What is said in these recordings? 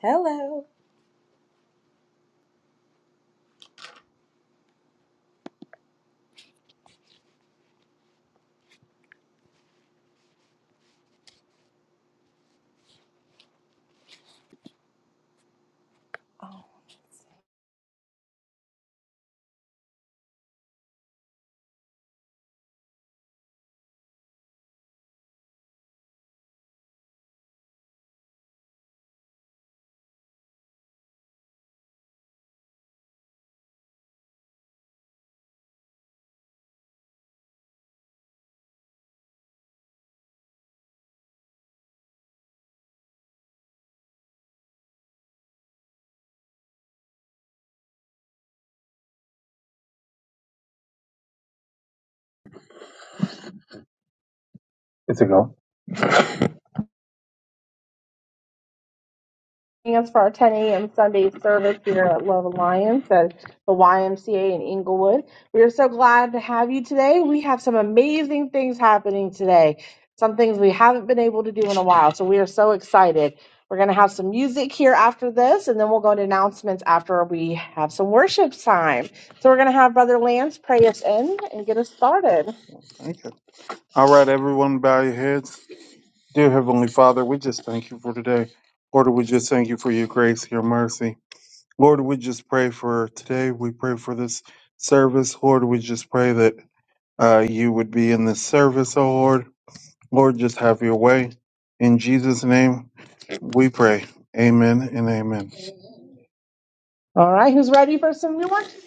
Hello. It's a go. joining us for our 10 a.m. Sunday service here at Love Alliance at the YMCA in Inglewood. We are so glad to have you today. We have some amazing things happening today, some things we haven't been able to do in a while. So we are so excited. We're going to have some music here after this, and then we'll go to announcements after we have some worship time. So we're going to have Brother Lance pray us in and get us started. Okay. All right, everyone, bow your heads. Dear Heavenly Father, we just thank you for today. Lord, we just thank you for your grace, your mercy. Lord, we just pray for today. We pray for this service. Lord, we just pray that uh, you would be in this service, oh Lord. Lord, just have your way. In Jesus' name, we pray. Amen and amen. All right, who's ready for some new ones?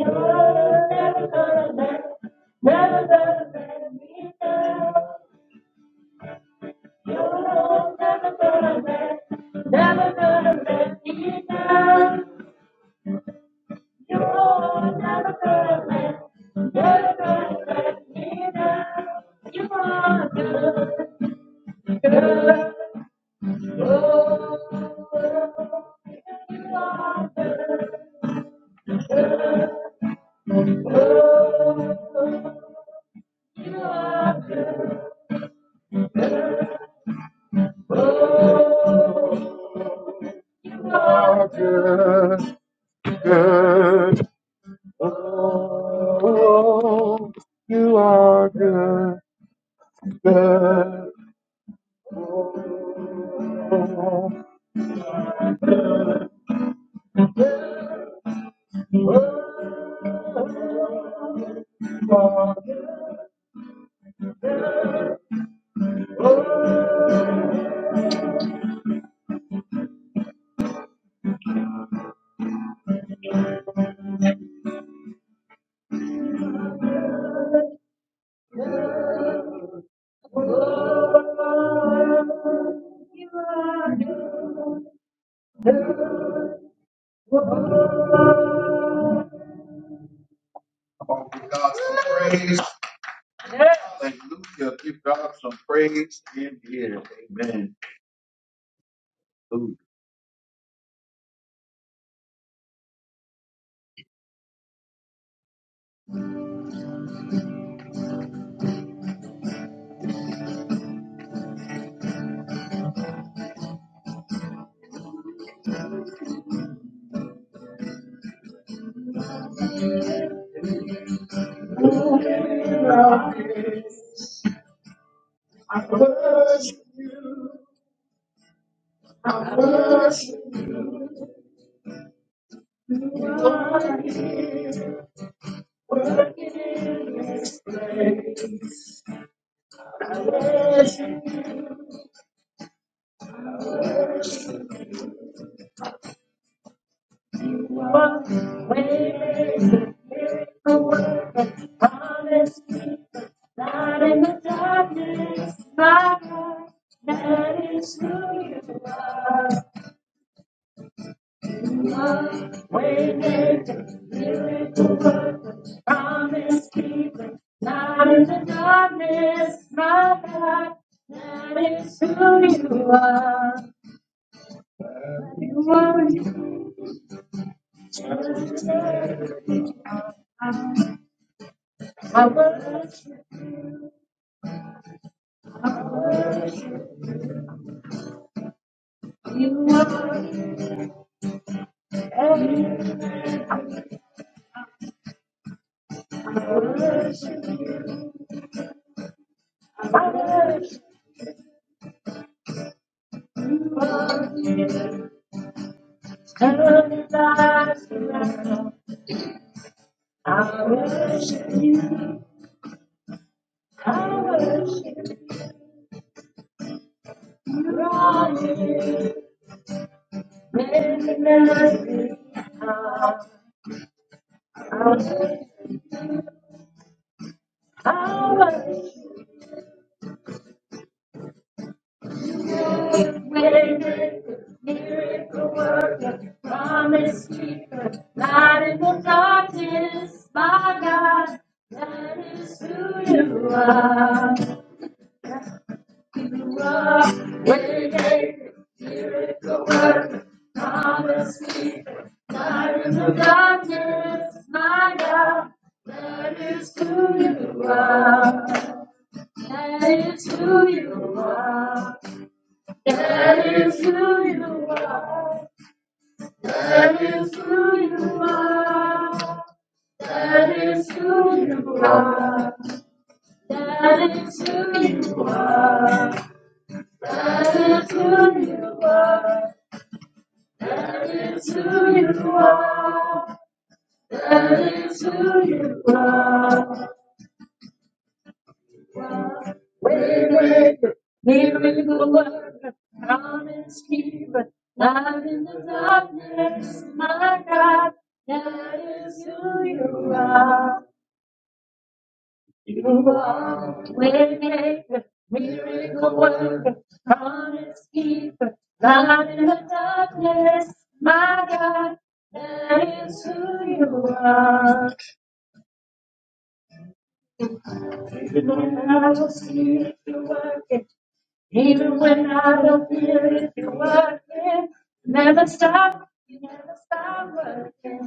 I worship you. I worship Darkness, my God, that is who you are. You are, I worship you. You are Turn your lives around. I worship, I worship you, Lord. There's nothing hard. I worship, I worship. You Waymaker, miracle worker, promise keeper, light in the darkness, my God. That is who you are. Waymaker, miracle worker, promise keeper, light in the darkness, my God. That is who you are. That is who you are. That is who you are. That is who you are. That is who you are. That is who you are. That is who you are. That is who you are. That is who you are. Way maker, miracle worker, promise keeper, light in the darkness, my God. That is who you are. You are waymaker, miracle worker, promise keeper, light in the darkness. My God, that is who you are. Even when I don't see it, you're working. Even when I don't feel it, you're working. Never stop, you never stop working.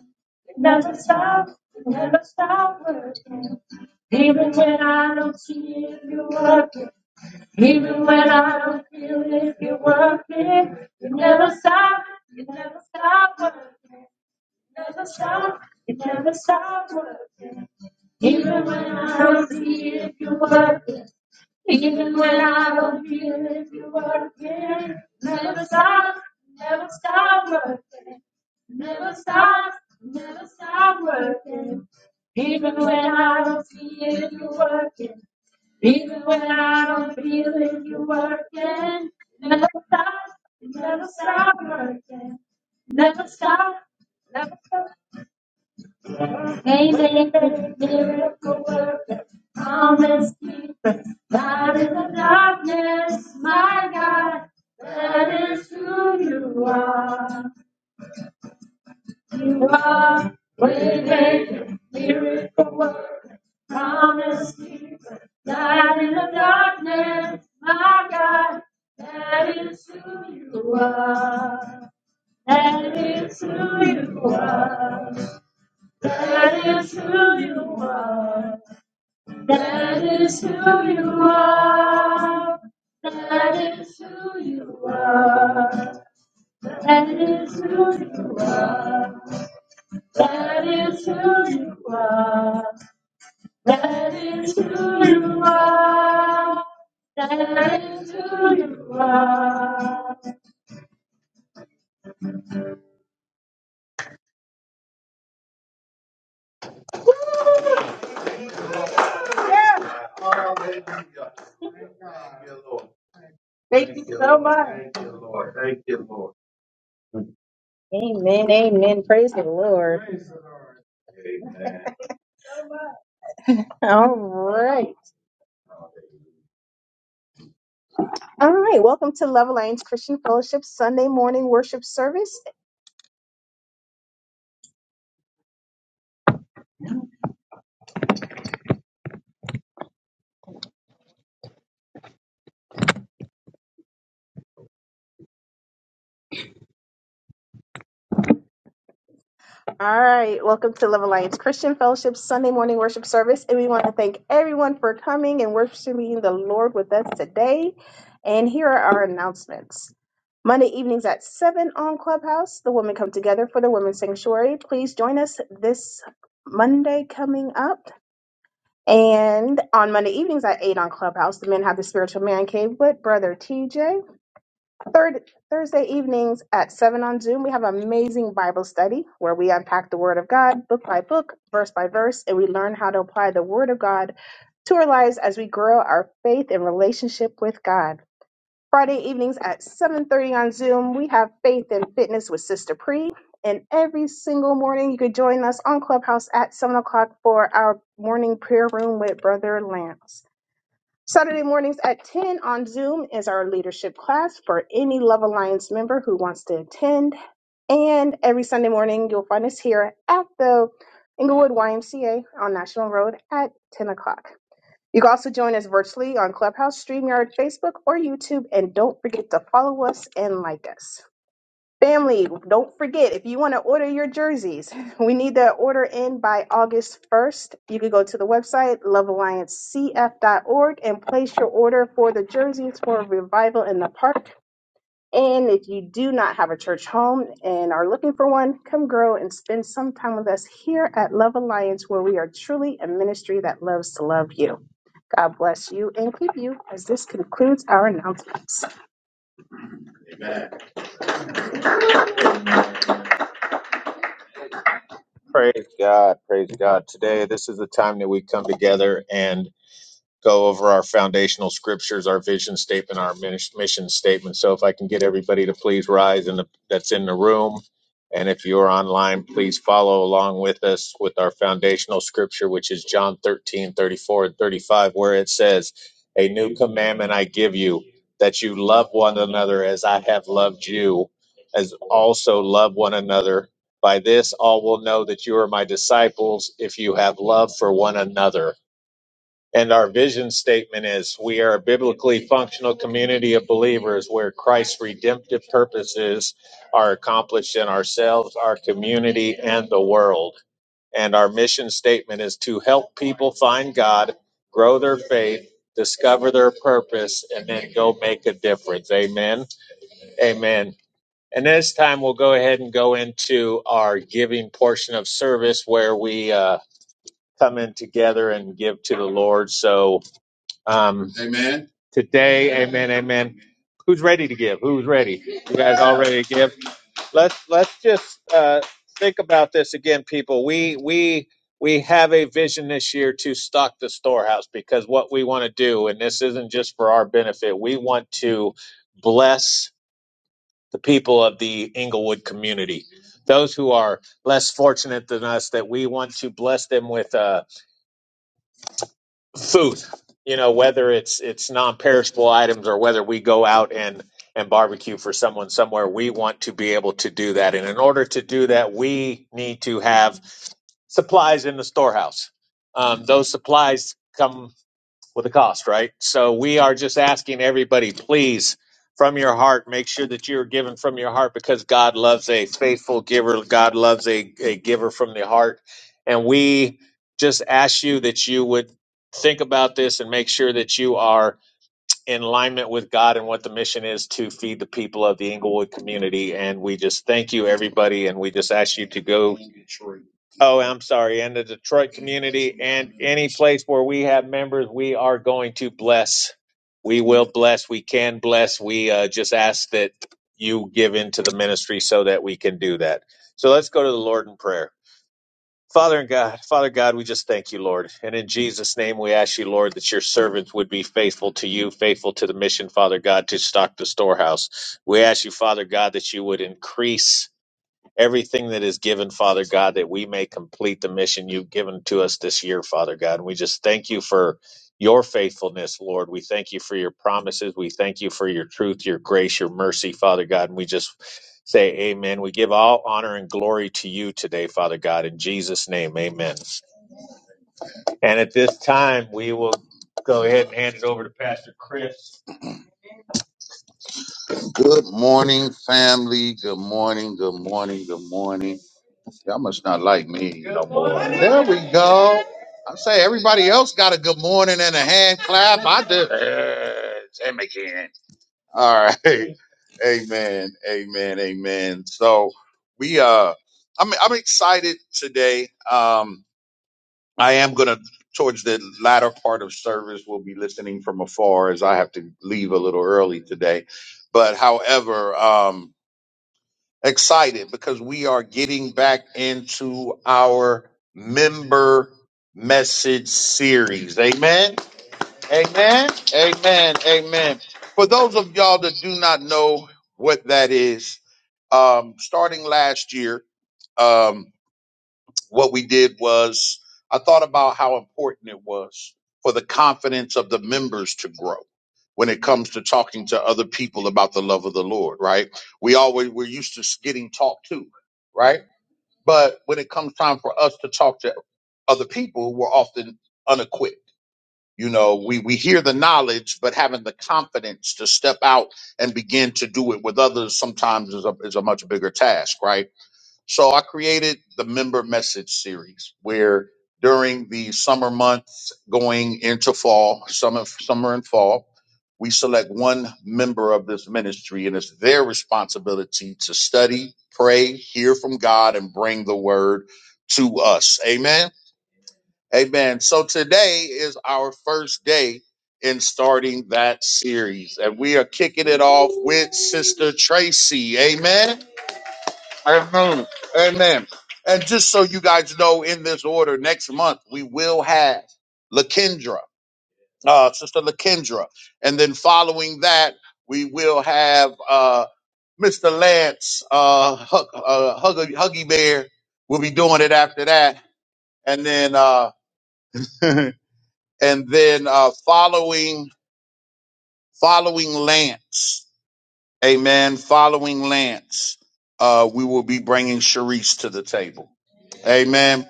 You never stop, you never stop working. Even when I don't see it, you're working. Even when I don't feel it, you're working. You never stop, you never stop working. Never stop, it never stops working. Even when I don't feel it, you're working. Even when I don't feel it, you're working. Never stop, never stop working. Never stop, never stop working. Even when I don't feel it, you're working. Even when I don't feel it, you working. Never stop, never stop working. Never stop, never stop. Amazing, miracle worker, promise keeper, light in the darkness, my God, that is who you are. You are waymaker, miracle worker, promise keeper, light in the darkness, my God. That is who you are. That is who you are. That is who you are. That is who you are. That is who you are. That is who you are. That is who you are. That is who you are. That is who you are. Amen. Amen. Praise the Lord. All right. All right. Welcome to Love Alliance Christian Fellowship Sunday morning worship service. All right, welcome to Love Alliance Christian Fellowship Sunday morning worship service. And we want to thank everyone for coming and worshiping the Lord with us today. And here are our announcements. Monday evenings at 7 on Clubhouse, the women come together for the Women's Sanctuary. Please join us this Monday coming up. And on Monday evenings at 8 on Clubhouse, the men have the Spiritual Man Cave with Brother TJ. Third Thursday evenings at seven on Zoom, we have amazing Bible study where we unpack the Word of God, book by book, verse by verse, and we learn how to apply the Word of God to our lives as we grow our faith and relationship with God. Friday evenings at 7:30 on Zoom, we have Faith and Fitness with Sister Pre. And every single morning, you can join us on Clubhouse at 7 o'clock for our morning prayer room with Brother Lance. Saturday mornings at 10 on Zoom is our leadership class for any Love Alliance member who wants to attend. And every Sunday morning, you'll find us here at the Inglewood YMCA on National Road at 10 o'clock. You can also join us virtually on Clubhouse, StreamYard, Facebook, or YouTube. And don't forget to follow us and like us. Family, don't forget if you want to order your jerseys, we need that order in by August 1st. You can go to the website love alliance c f dot org and place your order for the jerseys for Revival in the Park. And if you do not have a church home and are looking for one, come grow and spend some time with us here at Love Alliance, where we are truly a ministry that loves to love you. God bless you and keep you as this concludes our announcements. Praise God. Today, this is the time that we come together and. go over our foundational scriptures, our vision statement, our minis- mission statement. So if I can get everybody to please rise and that's in the room. And if you're online, please follow along with us with our foundational scripture, which is John 13 34 and 35, where it says, a new commandment I give you that you love one another as I have loved you as also love one another. By this, all will know that you are my disciples if you have love for one another. And our vision statement is we are a biblically functional community of believers where Christ's redemptive purposes are accomplished in ourselves, our community, and the world. And our mission statement is to help people find God, grow their faith, discover their purpose, and then go make a difference. Amen. Amen. And this time we'll go ahead and go into our giving portion of service where we uh, come in together and give to the Lord. So, um, today. Amen. Amen. Who's ready to give? Who's ready? You guys all ready to give? Let's let's just uh, think about this again, people. We we we have a vision this year to stock the storehouse because what we want to do, and this isn't just for our benefit, we want to bless the people of the Inglewood community, those who are less fortunate than us, that we want to bless them with. uh, food you know whether it's it's non-perishable items or whether we go out and and barbecue for someone somewhere we want to be able to do that and in order to do that we need to have supplies in the storehouse um, those supplies come with a cost, right? So we are just asking everybody, please, from your heart, make sure that you're giving from your heart because God loves a faithful giver. God loves a, a giver from the heart. And we just ask you that you would think about this and make sure that you are in alignment with God and what the mission is to feed the people of the Inglewood community. And we just thank you, everybody. And we just ask you to go. Oh, I'm sorry. And the Detroit community and any place where we have members, we are going to bless. We will bless. We can bless. We uh, just ask that you give into the ministry so that we can do that. So let's go to the Lord in prayer. Father and God, Father God, we just thank you, Lord. And in Jesus' name, we ask you, Lord, that your servants would be faithful to you, faithful to the mission, Father God, to stock the storehouse. We ask you, Father God, that you would increase everything that is given, Father God, that we may complete the mission you've given to us this year, Father God. And we just thank you for your faithfulness, Lord. We thank you for your promises. We thank you for your truth, your grace, your mercy, Father God. And we just say amen. We give all honor and glory to you today, Father God. In Jesus' name, amen. And at this time, we will go ahead and hand it over to Pastor Chris. Good morning, family. Good morning. Good morning. Good morning. Y'all must not like me no more. There we go. I say everybody else got a good morning and a hand clap. I did. Uh, him again. All right. Amen. Amen. Amen. So we uh, I'm I'm excited today. Um, I am going to, towards the latter part of service, will be listening from afar as I have to leave a little early today. But however, um, excited because we are getting back into our member message series. Amen. Amen. Amen. Amen. For those of y'all that do not know what that is, um, starting last year, um, what we did was I thought about how important it was for the confidence of the members to grow when it comes to talking to other people about the love of the Lord, right? We always we're used to getting talked to, right? But when it comes time for us to talk to other people, we're often unequipped. You know, we we hear the knowledge, but having the confidence to step out and begin to do it with others sometimes is a is a much bigger task, right? So I created the member message series where during the summer months going into fall, summer, summer and fall, we select one member of this ministry and it's their responsibility to study, pray, hear from God and bring the word to us. Amen. Amen. So today is our first day in starting that series and we are kicking it off with Sister Tracy. Amen. Amen. Amen. And just so you guys know, in this order, next month we will have Lakendra, uh, Sister Lakendra, and then following that we will have uh, Mr. Lance, uh, Hug, uh, Huggy, Huggy Bear. We'll be doing it after that, and then uh, and then uh, following following Lance, Amen. Following Lance, uh, we will be bringing Sharice to the table. Amen.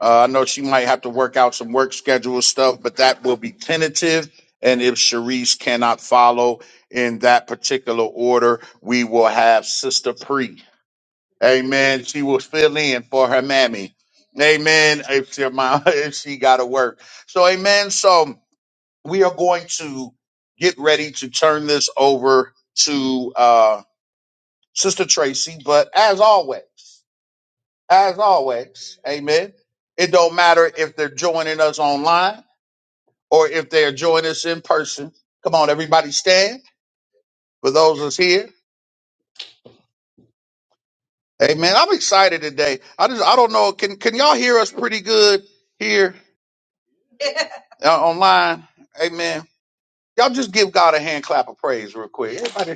Uh, I know she might have to work out some work schedule stuff, but that will be tentative. And if Sharice cannot follow in that particular order, we will have Sister Pre. Amen. She will fill in for her mammy. Amen. If she, if she got to work. So, amen. So, we are going to get ready to turn this over to uh, Sister Tracy. But as always, as always. Amen. It don't matter if they're joining us online or if they're joining us in person. Come on, everybody stand for those that's here. Amen. I'm excited today. I just I don't know. Can can y'all hear us pretty good here uh, online? Amen. Y'all just give God a hand clap of praise real quick. Everybody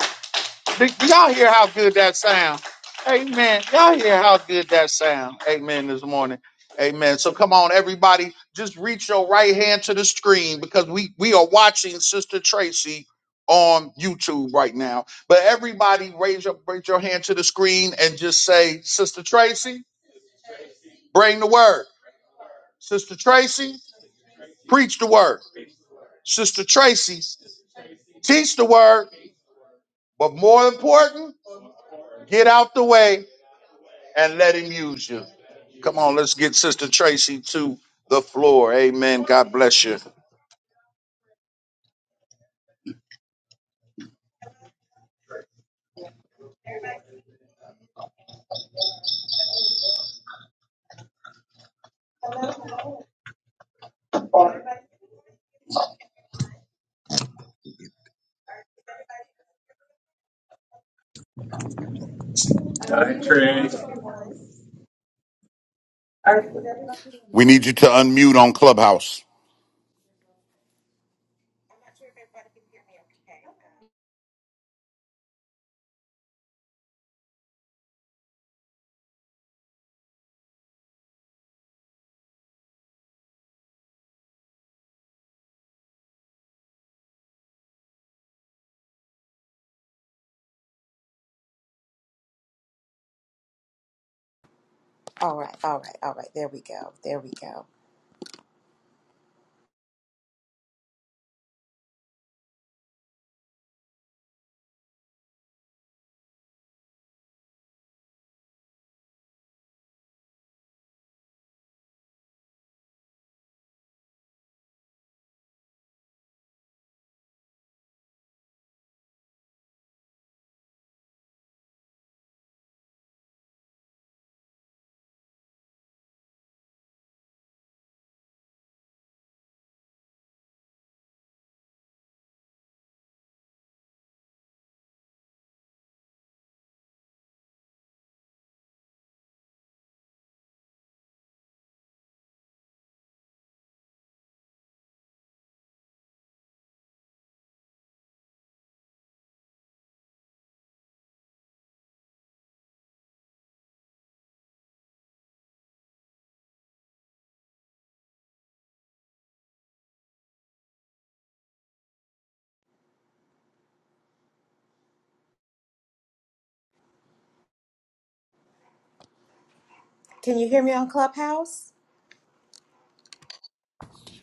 Do y'all hear how good that sound? Amen. Y'all hear how good that sound? Amen. This morning. Amen. So come on, everybody, just reach your right hand to the screen because we we are watching Sister Tracy on YouTube right now. But everybody, raise your raise your hand to the screen and just say, Sister Tracy, bring the word. Sister Tracy, preach the word. Sister Tracy, teach the word. But more important, get out the way and let him use you. Come on, let's get Sister Tracy to the floor. Amen. God bless you. We need you to unmute on Clubhouse. All right, all right, all right. There we go. There we go. Can you hear me on Clubhouse?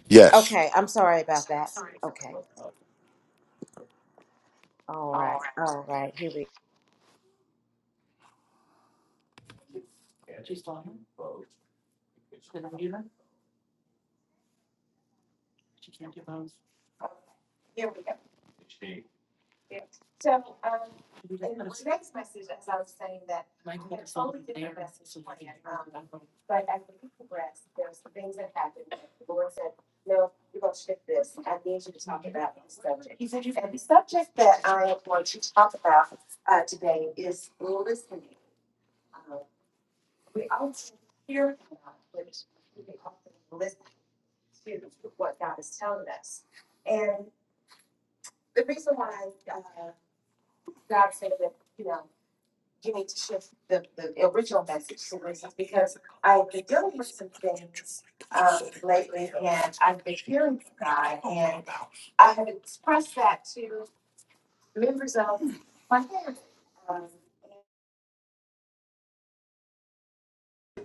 Yes. Okay, I'm sorry about that. Okay. All right, all right. Here we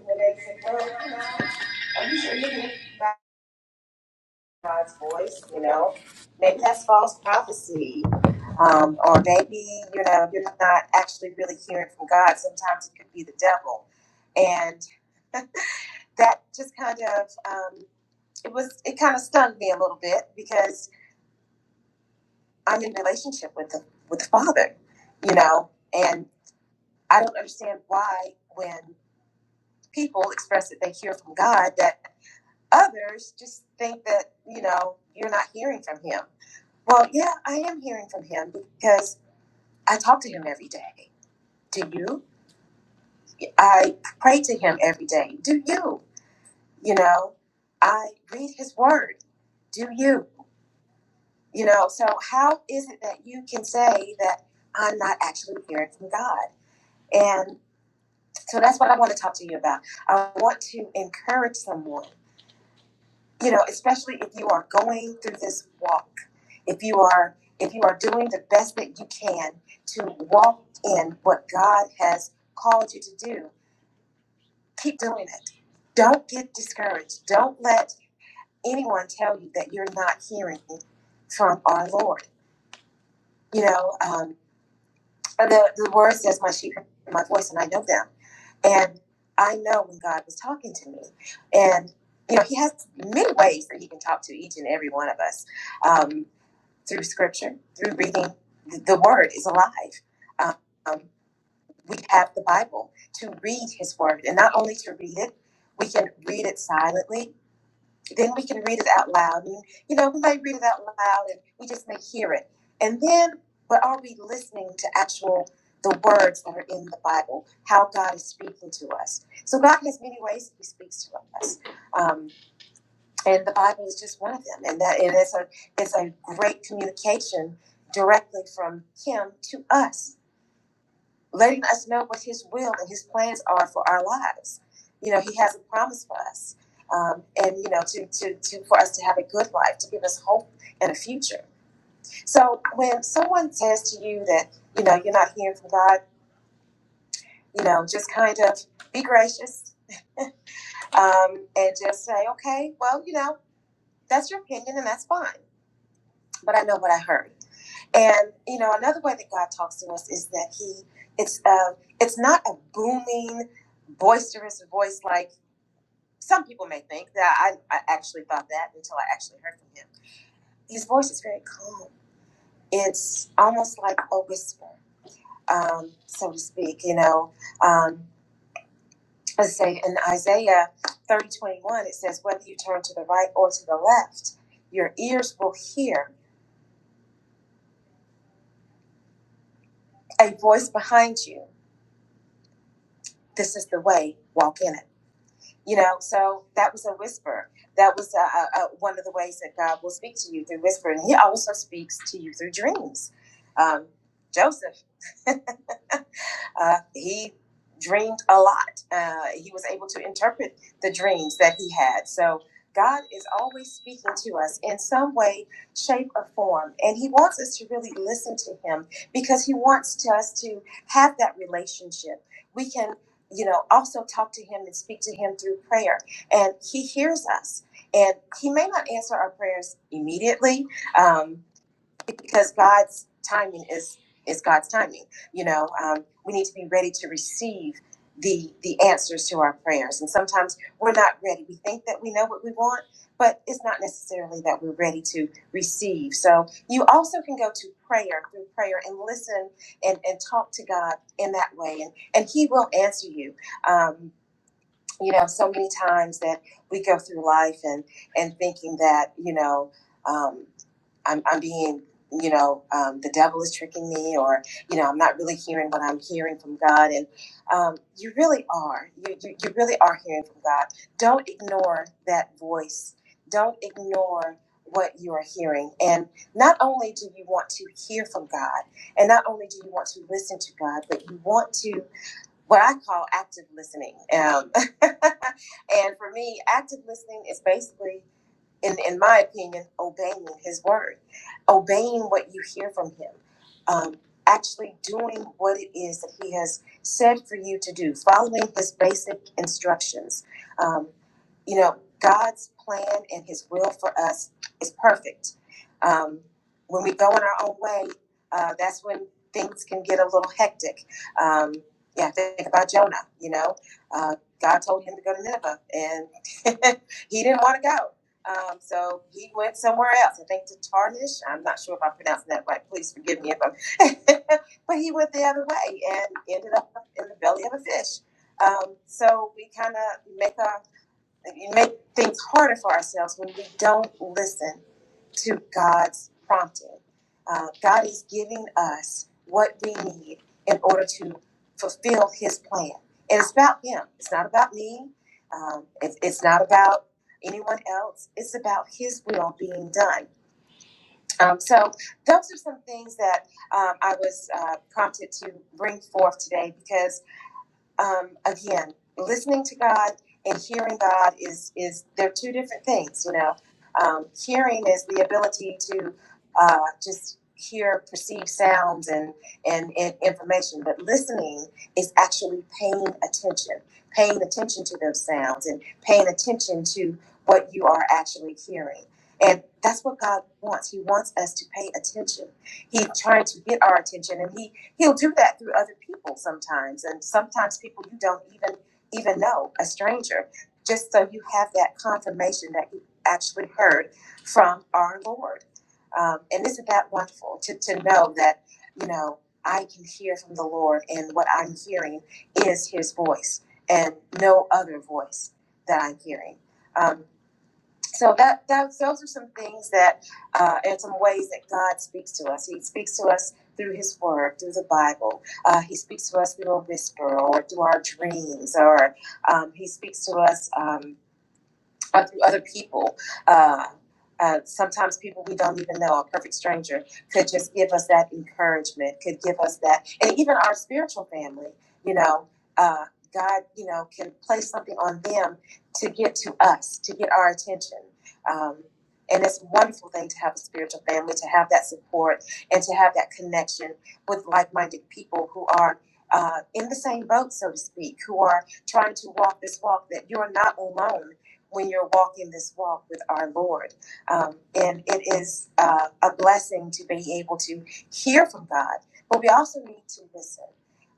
And they said, well, you know, are you sure you're hearing God's voice? You know, maybe that's false prophecy. Um, or maybe, you know, you're not actually really hearing from God. Sometimes it could be the devil. And that just kind of, um, it was, it kind of stung me a little bit because I'm in relationship with the, with the Father, you know, and I don't understand why when people express that they hear from God that. others just think that you know you're not hearing from him well yeah i am hearing from him because i talk to him every day do you i pray to him every day do you you know i read his word do you you know so how is it that you can say that i'm not actually hearing from god and so that's what i want to talk to you about i want to encourage someone you know especially if you are going through this walk if you are if you are doing the best that you can to walk in what god has called you to do keep doing it don't get discouraged don't let anyone tell you that you're not hearing from our lord you know um, the, the word says my sheep hear my voice and i know them and i know when god was talking to me and you know he has many ways that he can talk to each and every one of us Um, through scripture, through reading th- the word is alive. Um, um, we have the Bible to read his word, and not only to read it, we can read it silently, then we can read it out loud. And, you know, we might read it out loud and we just may hear it. And then, but are we listening to actual the words that are in the Bible, how God is speaking to us? So God has many ways He speaks to us. Um, and the Bible is just one of them. And that and it's a it's a great communication directly from Him to us, letting us know what His will and His plans are for our lives. You know, He has a promise for us, um, and you know, to, to to for us to have a good life, to give us hope and a future. So when someone says to you that you know you're not hearing from God, you know, just kind of be gracious um, and just say, okay, well, you know, that's your opinion and that's fine. But I know what I heard And you know, another way that God talks to us is that He it's uh it's not a booming, boisterous voice like some people may think. That I, I actually thought that until I actually heard from Him. His voice is very calm. It's almost like a whisper, um, so to speak. You know, um, let's say in Isaiah thirty twenty one, it says, "Whether you turn to the right or to the left, your ears will hear a voice behind you. This is the way. Walk in it." You know, so that was a whisper. That was uh uh uh one of the ways that God will speak to you through whispering. He also speaks to you through dreams. Um, Joseph uh, he dreamed a lot. Uh, he was able to interpret the dreams that he had. So God is always speaking to us in some way, shape, or form. And He wants us to really listen to Him because He wants us to have that relationship. We can, you know, also talk to Him and speak to Him through prayer. And He hears us. And He may not answer our prayers immediately. Um, because God's timing is is God's timing. You know, um, we need to be ready to receive the the answers to our prayers, and sometimes we're not ready. We think that we know what we want, but it's not necessarily that we're ready to receive. So you also can go to prayer through prayer and listen and and talk to God in that way, and and He will answer you. Um, you know, so many times that we go through life and and thinking that you know. Um, I'm, I'm being, you know, um, the devil is tricking me, or you know, I'm not really hearing what I'm hearing from God. And um, you really are. You, you you really are hearing from God. Don't ignore that voice. Don't ignore what you are hearing. And not only do you want to hear from God, and not only do you want to listen to God, but you want to what I call active listening. Um, and for me, active listening is basically in, in my opinion, obeying his word, obeying what you hear from him, um, actually doing what it is that he has said for you to do, following his basic instructions. Um, you know, God's plan and his will for us is perfect. Um, when we go in our own way, uh, that's when things can get a little hectic. Um, yeah, think about Jonah, you know. Uh, God told him to go to Nineveh, and he didn't want to go. Um, so he went somewhere else. I think to Tarnish. I'm not sure if I'm pronouncing that right. Please forgive me if I'm. but he went the other way and ended up in the belly of a fish. Um, so we kind of make our, make things harder for ourselves when we don't listen to God's prompting. Uh, God is giving us what we need in order to fulfill His plan. And it's about Him. It's not about me. Um, it's, it's not about anyone else. It's about His will being done. Um, so those are some things that um, I was uh, prompted to bring forth today because um, again, listening to God and hearing God is is they're two different things. You know, um, hearing is the ability to uh, just hear perceive sounds and, and and information, but listening is actually paying attention, paying attention to those sounds and paying attention to what you are actually hearing. And that's what God wants. He wants us to pay attention. He's trying to get our attention, and he he'll do that through other people sometimes and sometimes people you don't even even know a stranger just so you have that confirmation that you actually heard from our lord um, and isn't that wonderful to, to know that you know i can hear from the lord and what i'm hearing is his voice and no other voice that i'm hearing Um, so that, that those are some things that uh, and some ways that God speaks to us. He speaks to us through His Word, through the Bible. Uh, he speaks to us through a whisper or through our dreams, or um, He speaks to us. Um, uh, through other people. Uh, uh, sometimes people we don't even know, a perfect stranger, could just give us that encouragement, could give us that, and even our spiritual family, you know, uh, God, you know, can place something on them to get to us, to get our attention. Um, and it's a wonderful thing to have a spiritual family, to have that support, and to have that connection with like minded people who are uh, in the same boat, so to speak, who are trying to walk this walk that you're not alone when you're walking this walk with our Lord. Um, and it is uh, a blessing to be able to hear from God, but we also need to listen.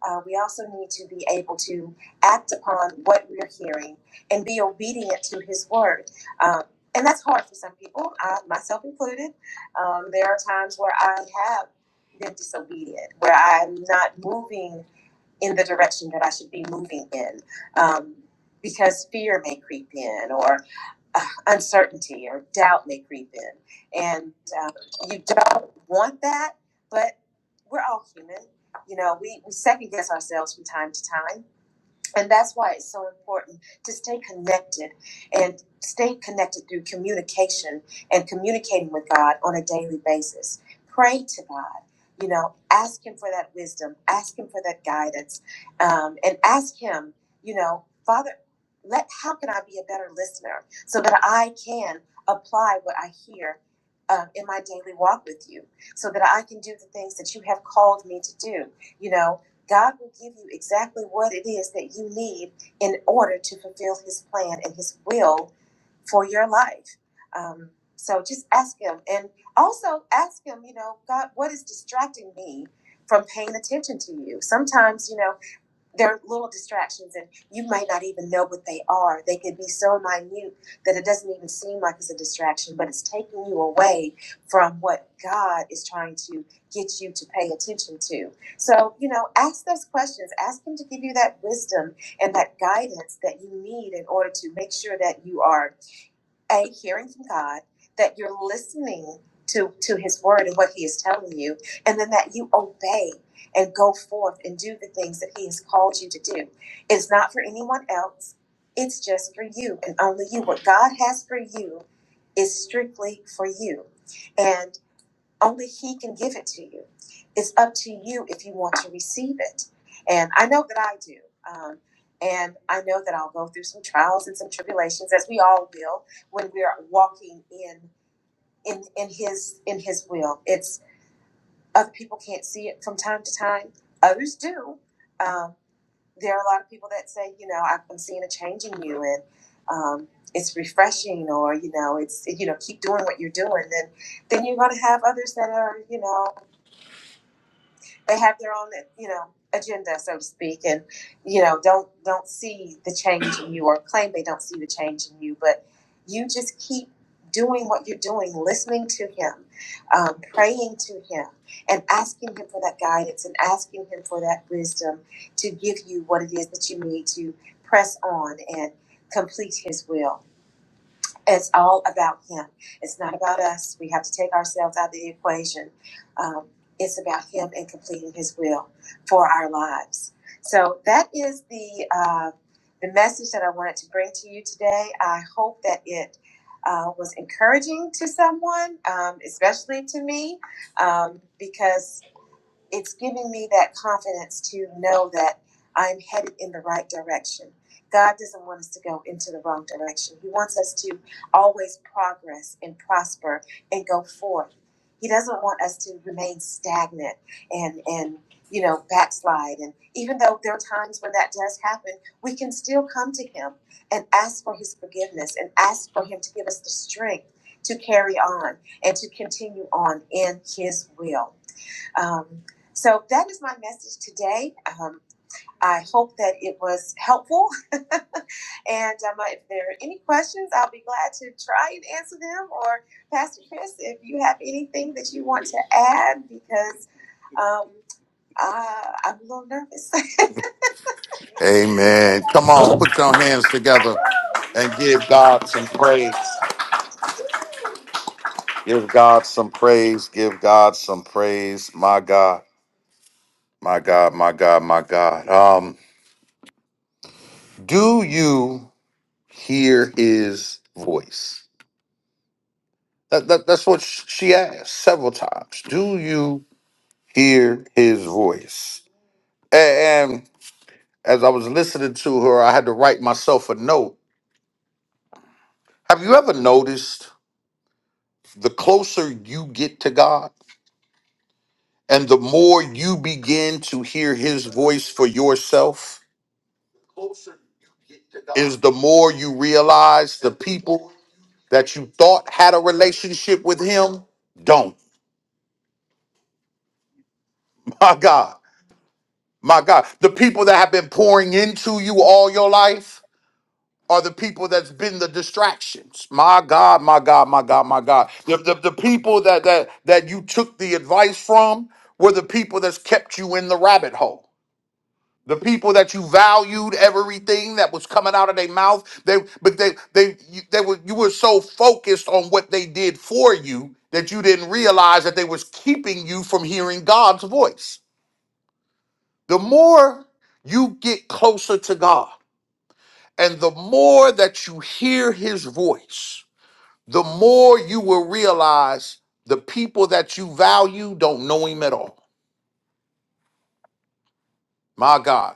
Uh, we also need to be able to act upon what we're hearing and be obedient to His word. Um, and that's hard for some people, I, myself included. Um, there are times where I have been disobedient, where I'm not moving in the direction that I should be moving in. Um, because fear may creep in or uh, uncertainty or doubt may creep in. And um, you don't want that, but we're all human. You know, we, we second guess ourselves from time to time. And that's why it's so important to stay connected and stay connected through communication and communicating with God on a daily basis. Pray to God, you know, ask Him for that wisdom, ask Him for that guidance, um, and ask Him, you know, Father, let how can I be a better listener so that I can apply what I hear um, in my daily walk with you, so that I can do the things that you have called me to do, you know God will give you exactly what it is that you need in order to fulfill His plan and His will for your life. Um, so just ask Him. And also ask Him, you know, God, what is distracting me from paying attention to you? Sometimes, you know, they're little distractions and you might not even know what they are they could be so minute that it doesn't even seem like it's a distraction but it's taking you away from what god is trying to get you to pay attention to so you know ask those questions ask him to give you that wisdom and that guidance that you need in order to make sure that you are a hearing from God that you're listening to to His word and what He is telling you, and then that you obey and go forth and do the things that He has called you to do. It's not for anyone else. It's just for you and only you. What God has for you is strictly for you. and. Only He can give it to you. It's up to you if you want to receive it. And I know that I do. Um, and I know that I'll go through some trials and some tribulations, as we all will, when we're walking in in in His in His will. It's other people can't see it from time to time. Others do. Um, there are a lot of people that say, you know, I've been seeing a change in you, and um, it's refreshing, or you know, it's you know, keep doing what you're doing. Then then you're going to have others that are, you know. they have their own you know agenda so to speak and you know don't don't see the change in you or claim they don't see the change in you but you just keep doing what you're doing listening to him um, praying to him and asking him for that guidance and asking him for that wisdom to give you what it is that you need to press on and complete his will it's all about Him. It's not about us. We have to take ourselves out of the equation. Um, it's about Him and completing His will for our lives. So that is the uh, the message that I wanted to bring to you today. I hope that it uh, was encouraging to someone, um, especially to me, um, because it's giving me that confidence to know that I'm headed in the right direction. God doesn't want us to go into the wrong direction. He wants us to always progress and prosper and go forth. He doesn't want us to remain stagnant and and you know backslide. And even though there are times when that does happen, we can still come to Him and ask for His forgiveness and ask for Him to give us the strength to carry on and to continue on in His will. Um, so that is my message today. Um, I hope that it was helpful. And um, if there are any questions, I'll be glad to try and answer them. Or Pastor Chris, if you have anything that you want to add, because um, uh, I'm a little nervous. Amen. Come on, put your hands together and give God some praise. Give God some praise. Give God some praise. My God, my God, my God, my God. Um, do you hear his voice? That, that, that's what sh- she asked several times. Do you hear his voice? A- and as I was listening to her, I had to write myself a note. Have you ever noticed? the closer you get to God and the more you begin to hear his voice for yourself is the more you realize the people that you thought had a relationship with him don't my god my god the people that have been pouring into you all your life are the people that's been the distractions my god my god my god my god the, the, the people that that that you took the advice from were the people that's kept you in the rabbit hole The people that you valued everything that was coming out of their mouth, they but they they you, they were you were so focused on what they did for you that you didn't realize that they was keeping you from hearing God's voice. The more you get closer to God and the more that you hear his voice, the more you will realize the people that you value don't know him at all. My God.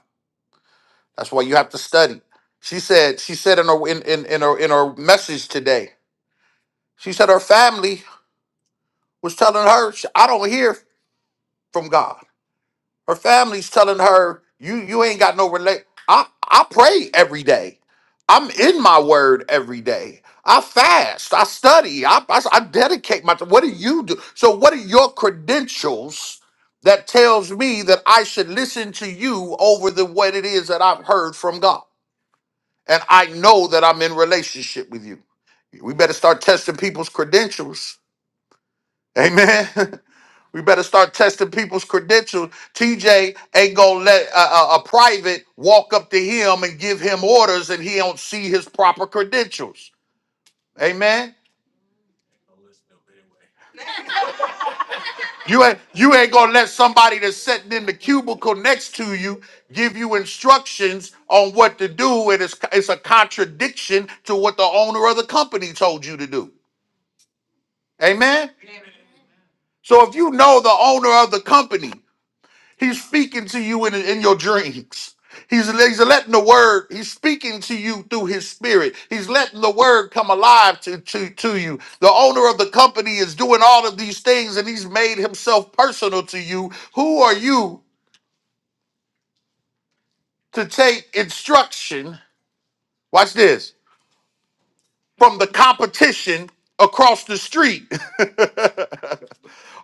That's why you have to study. She said, she said in her in, in, in her in her message today, she said her family was telling her, "Sh- I don't hear from God. Her family's telling her, you you ain't got no relate. I, I pray every day. I'm in my word every day. I fast. I study. I, I, I dedicate my time. What do you do? So what are your credentials that tells me that I should listen to you over the what it is that I've heard from God? and I know that I'm in relationship with you. We better start testing people's credentials. Amen. we better start testing people's credentials. TJ ain't gonna let a, a, a private walk up to him and give him orders, and he don't see his proper credentials. Amen. You ain't you ain't gonna let somebody that's sitting in the cubicle next to you give you instructions on what to do, and it's it's a contradiction to what the owner of the company told you to do. Amen. So if you know the owner of the company, he's speaking to you in, in your dreams. He's, he's letting the word, he's speaking to you through his spirit. He's letting the word come alive to, to, to you. The owner of the company is doing all of these things and he's made himself personal to you. Who are you to take instruction? Watch this from the competition across the street.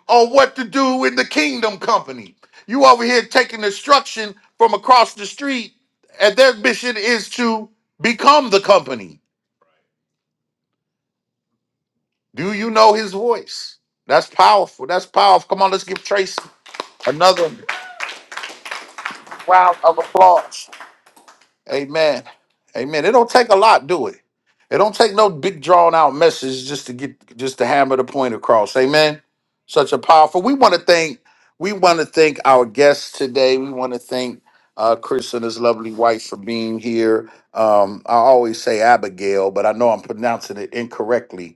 on what to do in the kingdom company. You over here taking instruction from across the street, and their mission is to become the company. Do you know his voice? That's powerful. That's powerful. Come on, let's give Tracy another round of applause. Amen. Amen. It don't take a lot, do it? It don't take no big drawn out message just to get just to hammer the point across. Amen. Such a powerful. We want to thank we want to thank our guests today. We want to thank uh, Chris and his lovely wife for being here. Um, I always say Abigail, but I know I'm pronouncing it incorrectly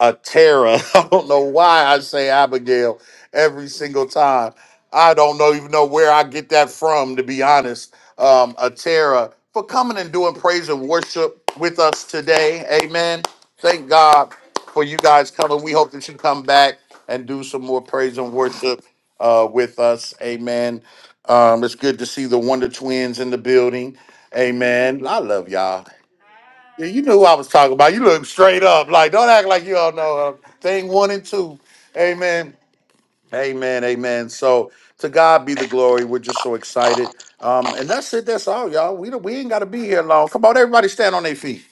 a Tara. I don't know why I say Abigail every single time. I don't know even know where I get that from, to be honest. Um, a Tara for coming and doing praise and worship with us today. Amen. Thank God for you guys coming. We hope that you come back and do some more praise and worship uh, with us. Amen. Um, it's good to see the Wonder Twins in the building. Amen. I love y'all. Yeah, you knew who I was talking about. You look straight up. Like, don't act like you all know her. Thing one and two. Amen. Amen. Amen. So to God be the glory. We're just so excited. Um, and that's it. That's all, y'all. We don't- we ain't gotta be here long. Come on, everybody stand on their feet.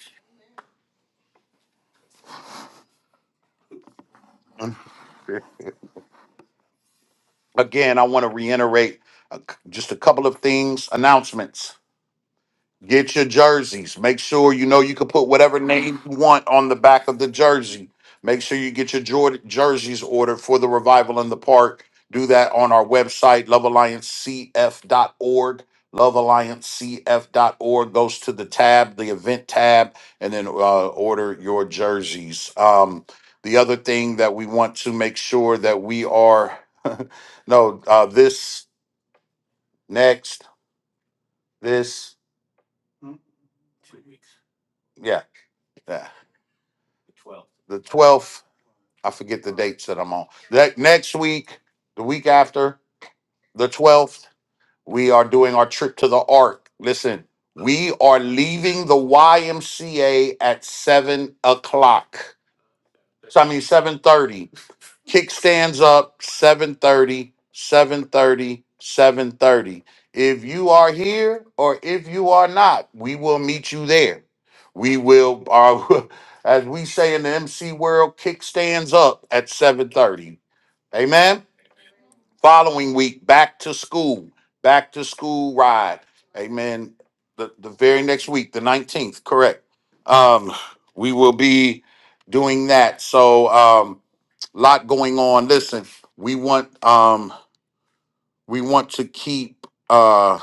Again, I want to reiterate uh, c- just a couple of things, announcements. Get your jerseys. Make sure you know you can put whatever name you want on the back of the jersey. Make sure you get your jor- jerseys ordered for the revival in the park. Do that on our website, love alliance c f dot org. love alliance c f dot org goes to the tab, the event tab, and then uh, order your jerseys. Um, the other thing that we want to make sure that we are, no, uh, this, next, this, yeah yeah. the twelfth. I forget the dates that I'm on. That next week, the week after, the twelfth, we are doing our trip to the Ark. Listen, we are leaving the YMCA at seven o'clock. So I mean seven thirty kickstands up seven thirty, seven thirty, seven thirty. if you are here or if you are not we will meet you there we will uh, as we say in the mc world kickstands up at 730 amen following week back to school back to school ride amen the, the very next week the 19th correct um we will be doing that so um lot going on. Listen, we want um we want to keep uh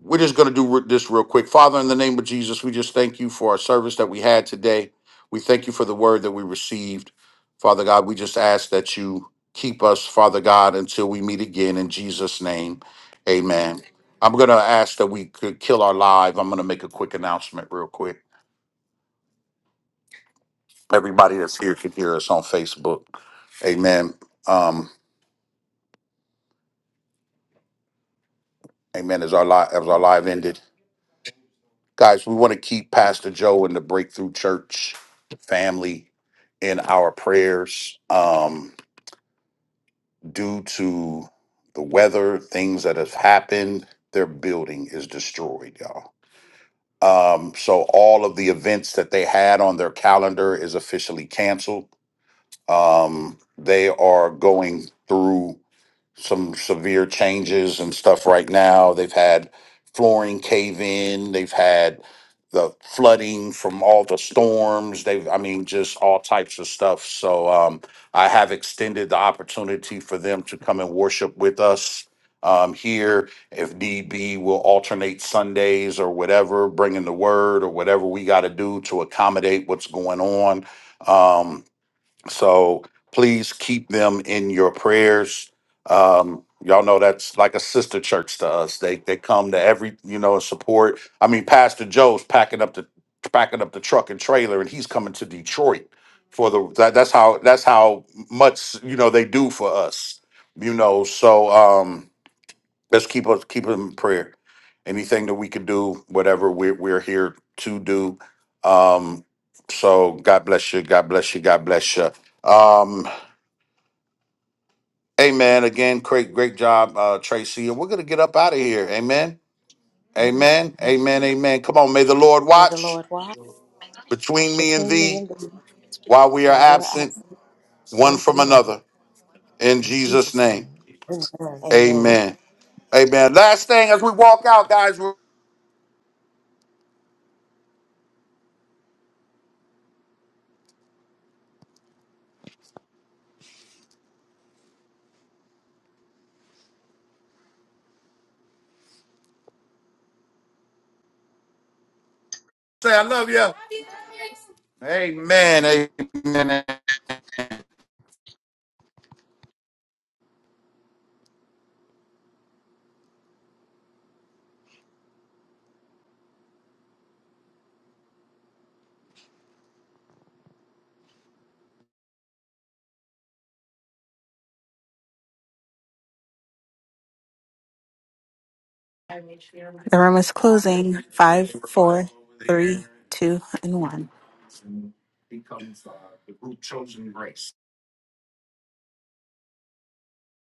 we're just going to do re- this real quick. Father, in the name of Jesus, we just thank you for our service that we had today. We thank you for the word that we received. Father God, we just ask that you keep us, Father God, until we meet again in Jesus name. Amen. I'm going to ask that we could kill our live. I'm going to make a quick announcement real quick. Everybody that's here can hear us on Facebook. Amen. Um, amen. Is our live as our live ended? Guys, we want to keep Pastor Joe and the Breakthrough Church family in our prayers. Um, due to the weather, things that have happened, their building is destroyed, y'all. Um, so all of the events that they had on their calendar is officially canceled. Um, they are going through some severe changes and stuff right now. They've had flooring cave in, they've had the flooding from all the storms. They've, I mean, just all types of stuff. So um, I have extended the opportunity for them to come and worship with us um, here. If need be, we'll alternate Sundays or whatever, bringing the word or whatever we got to do to accommodate what's going on. Um, so please keep them in your prayers. Um, y'all know that's like a sister church to us. They they come to every you know support. I mean, Pastor Joe's packing up the packing up the truck and trailer, and he's coming to Detroit for the that, that's how that's how much you know they do for us. You know, so um, let's keep us keep them in prayer. Anything that we could do, whatever we're we're here to do. Um, so God bless you, God bless you, God bless you. Um, amen. Again, great great job, uh, Tracy. And we're gonna get up out of here. Amen. Amen. go. Amen. Amen. Come on, may the Lord May the watch Lord walk between me and between me thee and thee while we are while we are absent absent one one from from another. another. In In Jesus' Jesus' name. name. Amen. Amen. Amen. Last thing as we walk out, guys, we'll say I love you. Amen. Amen. The room is closing. Five, four, three, two, and one.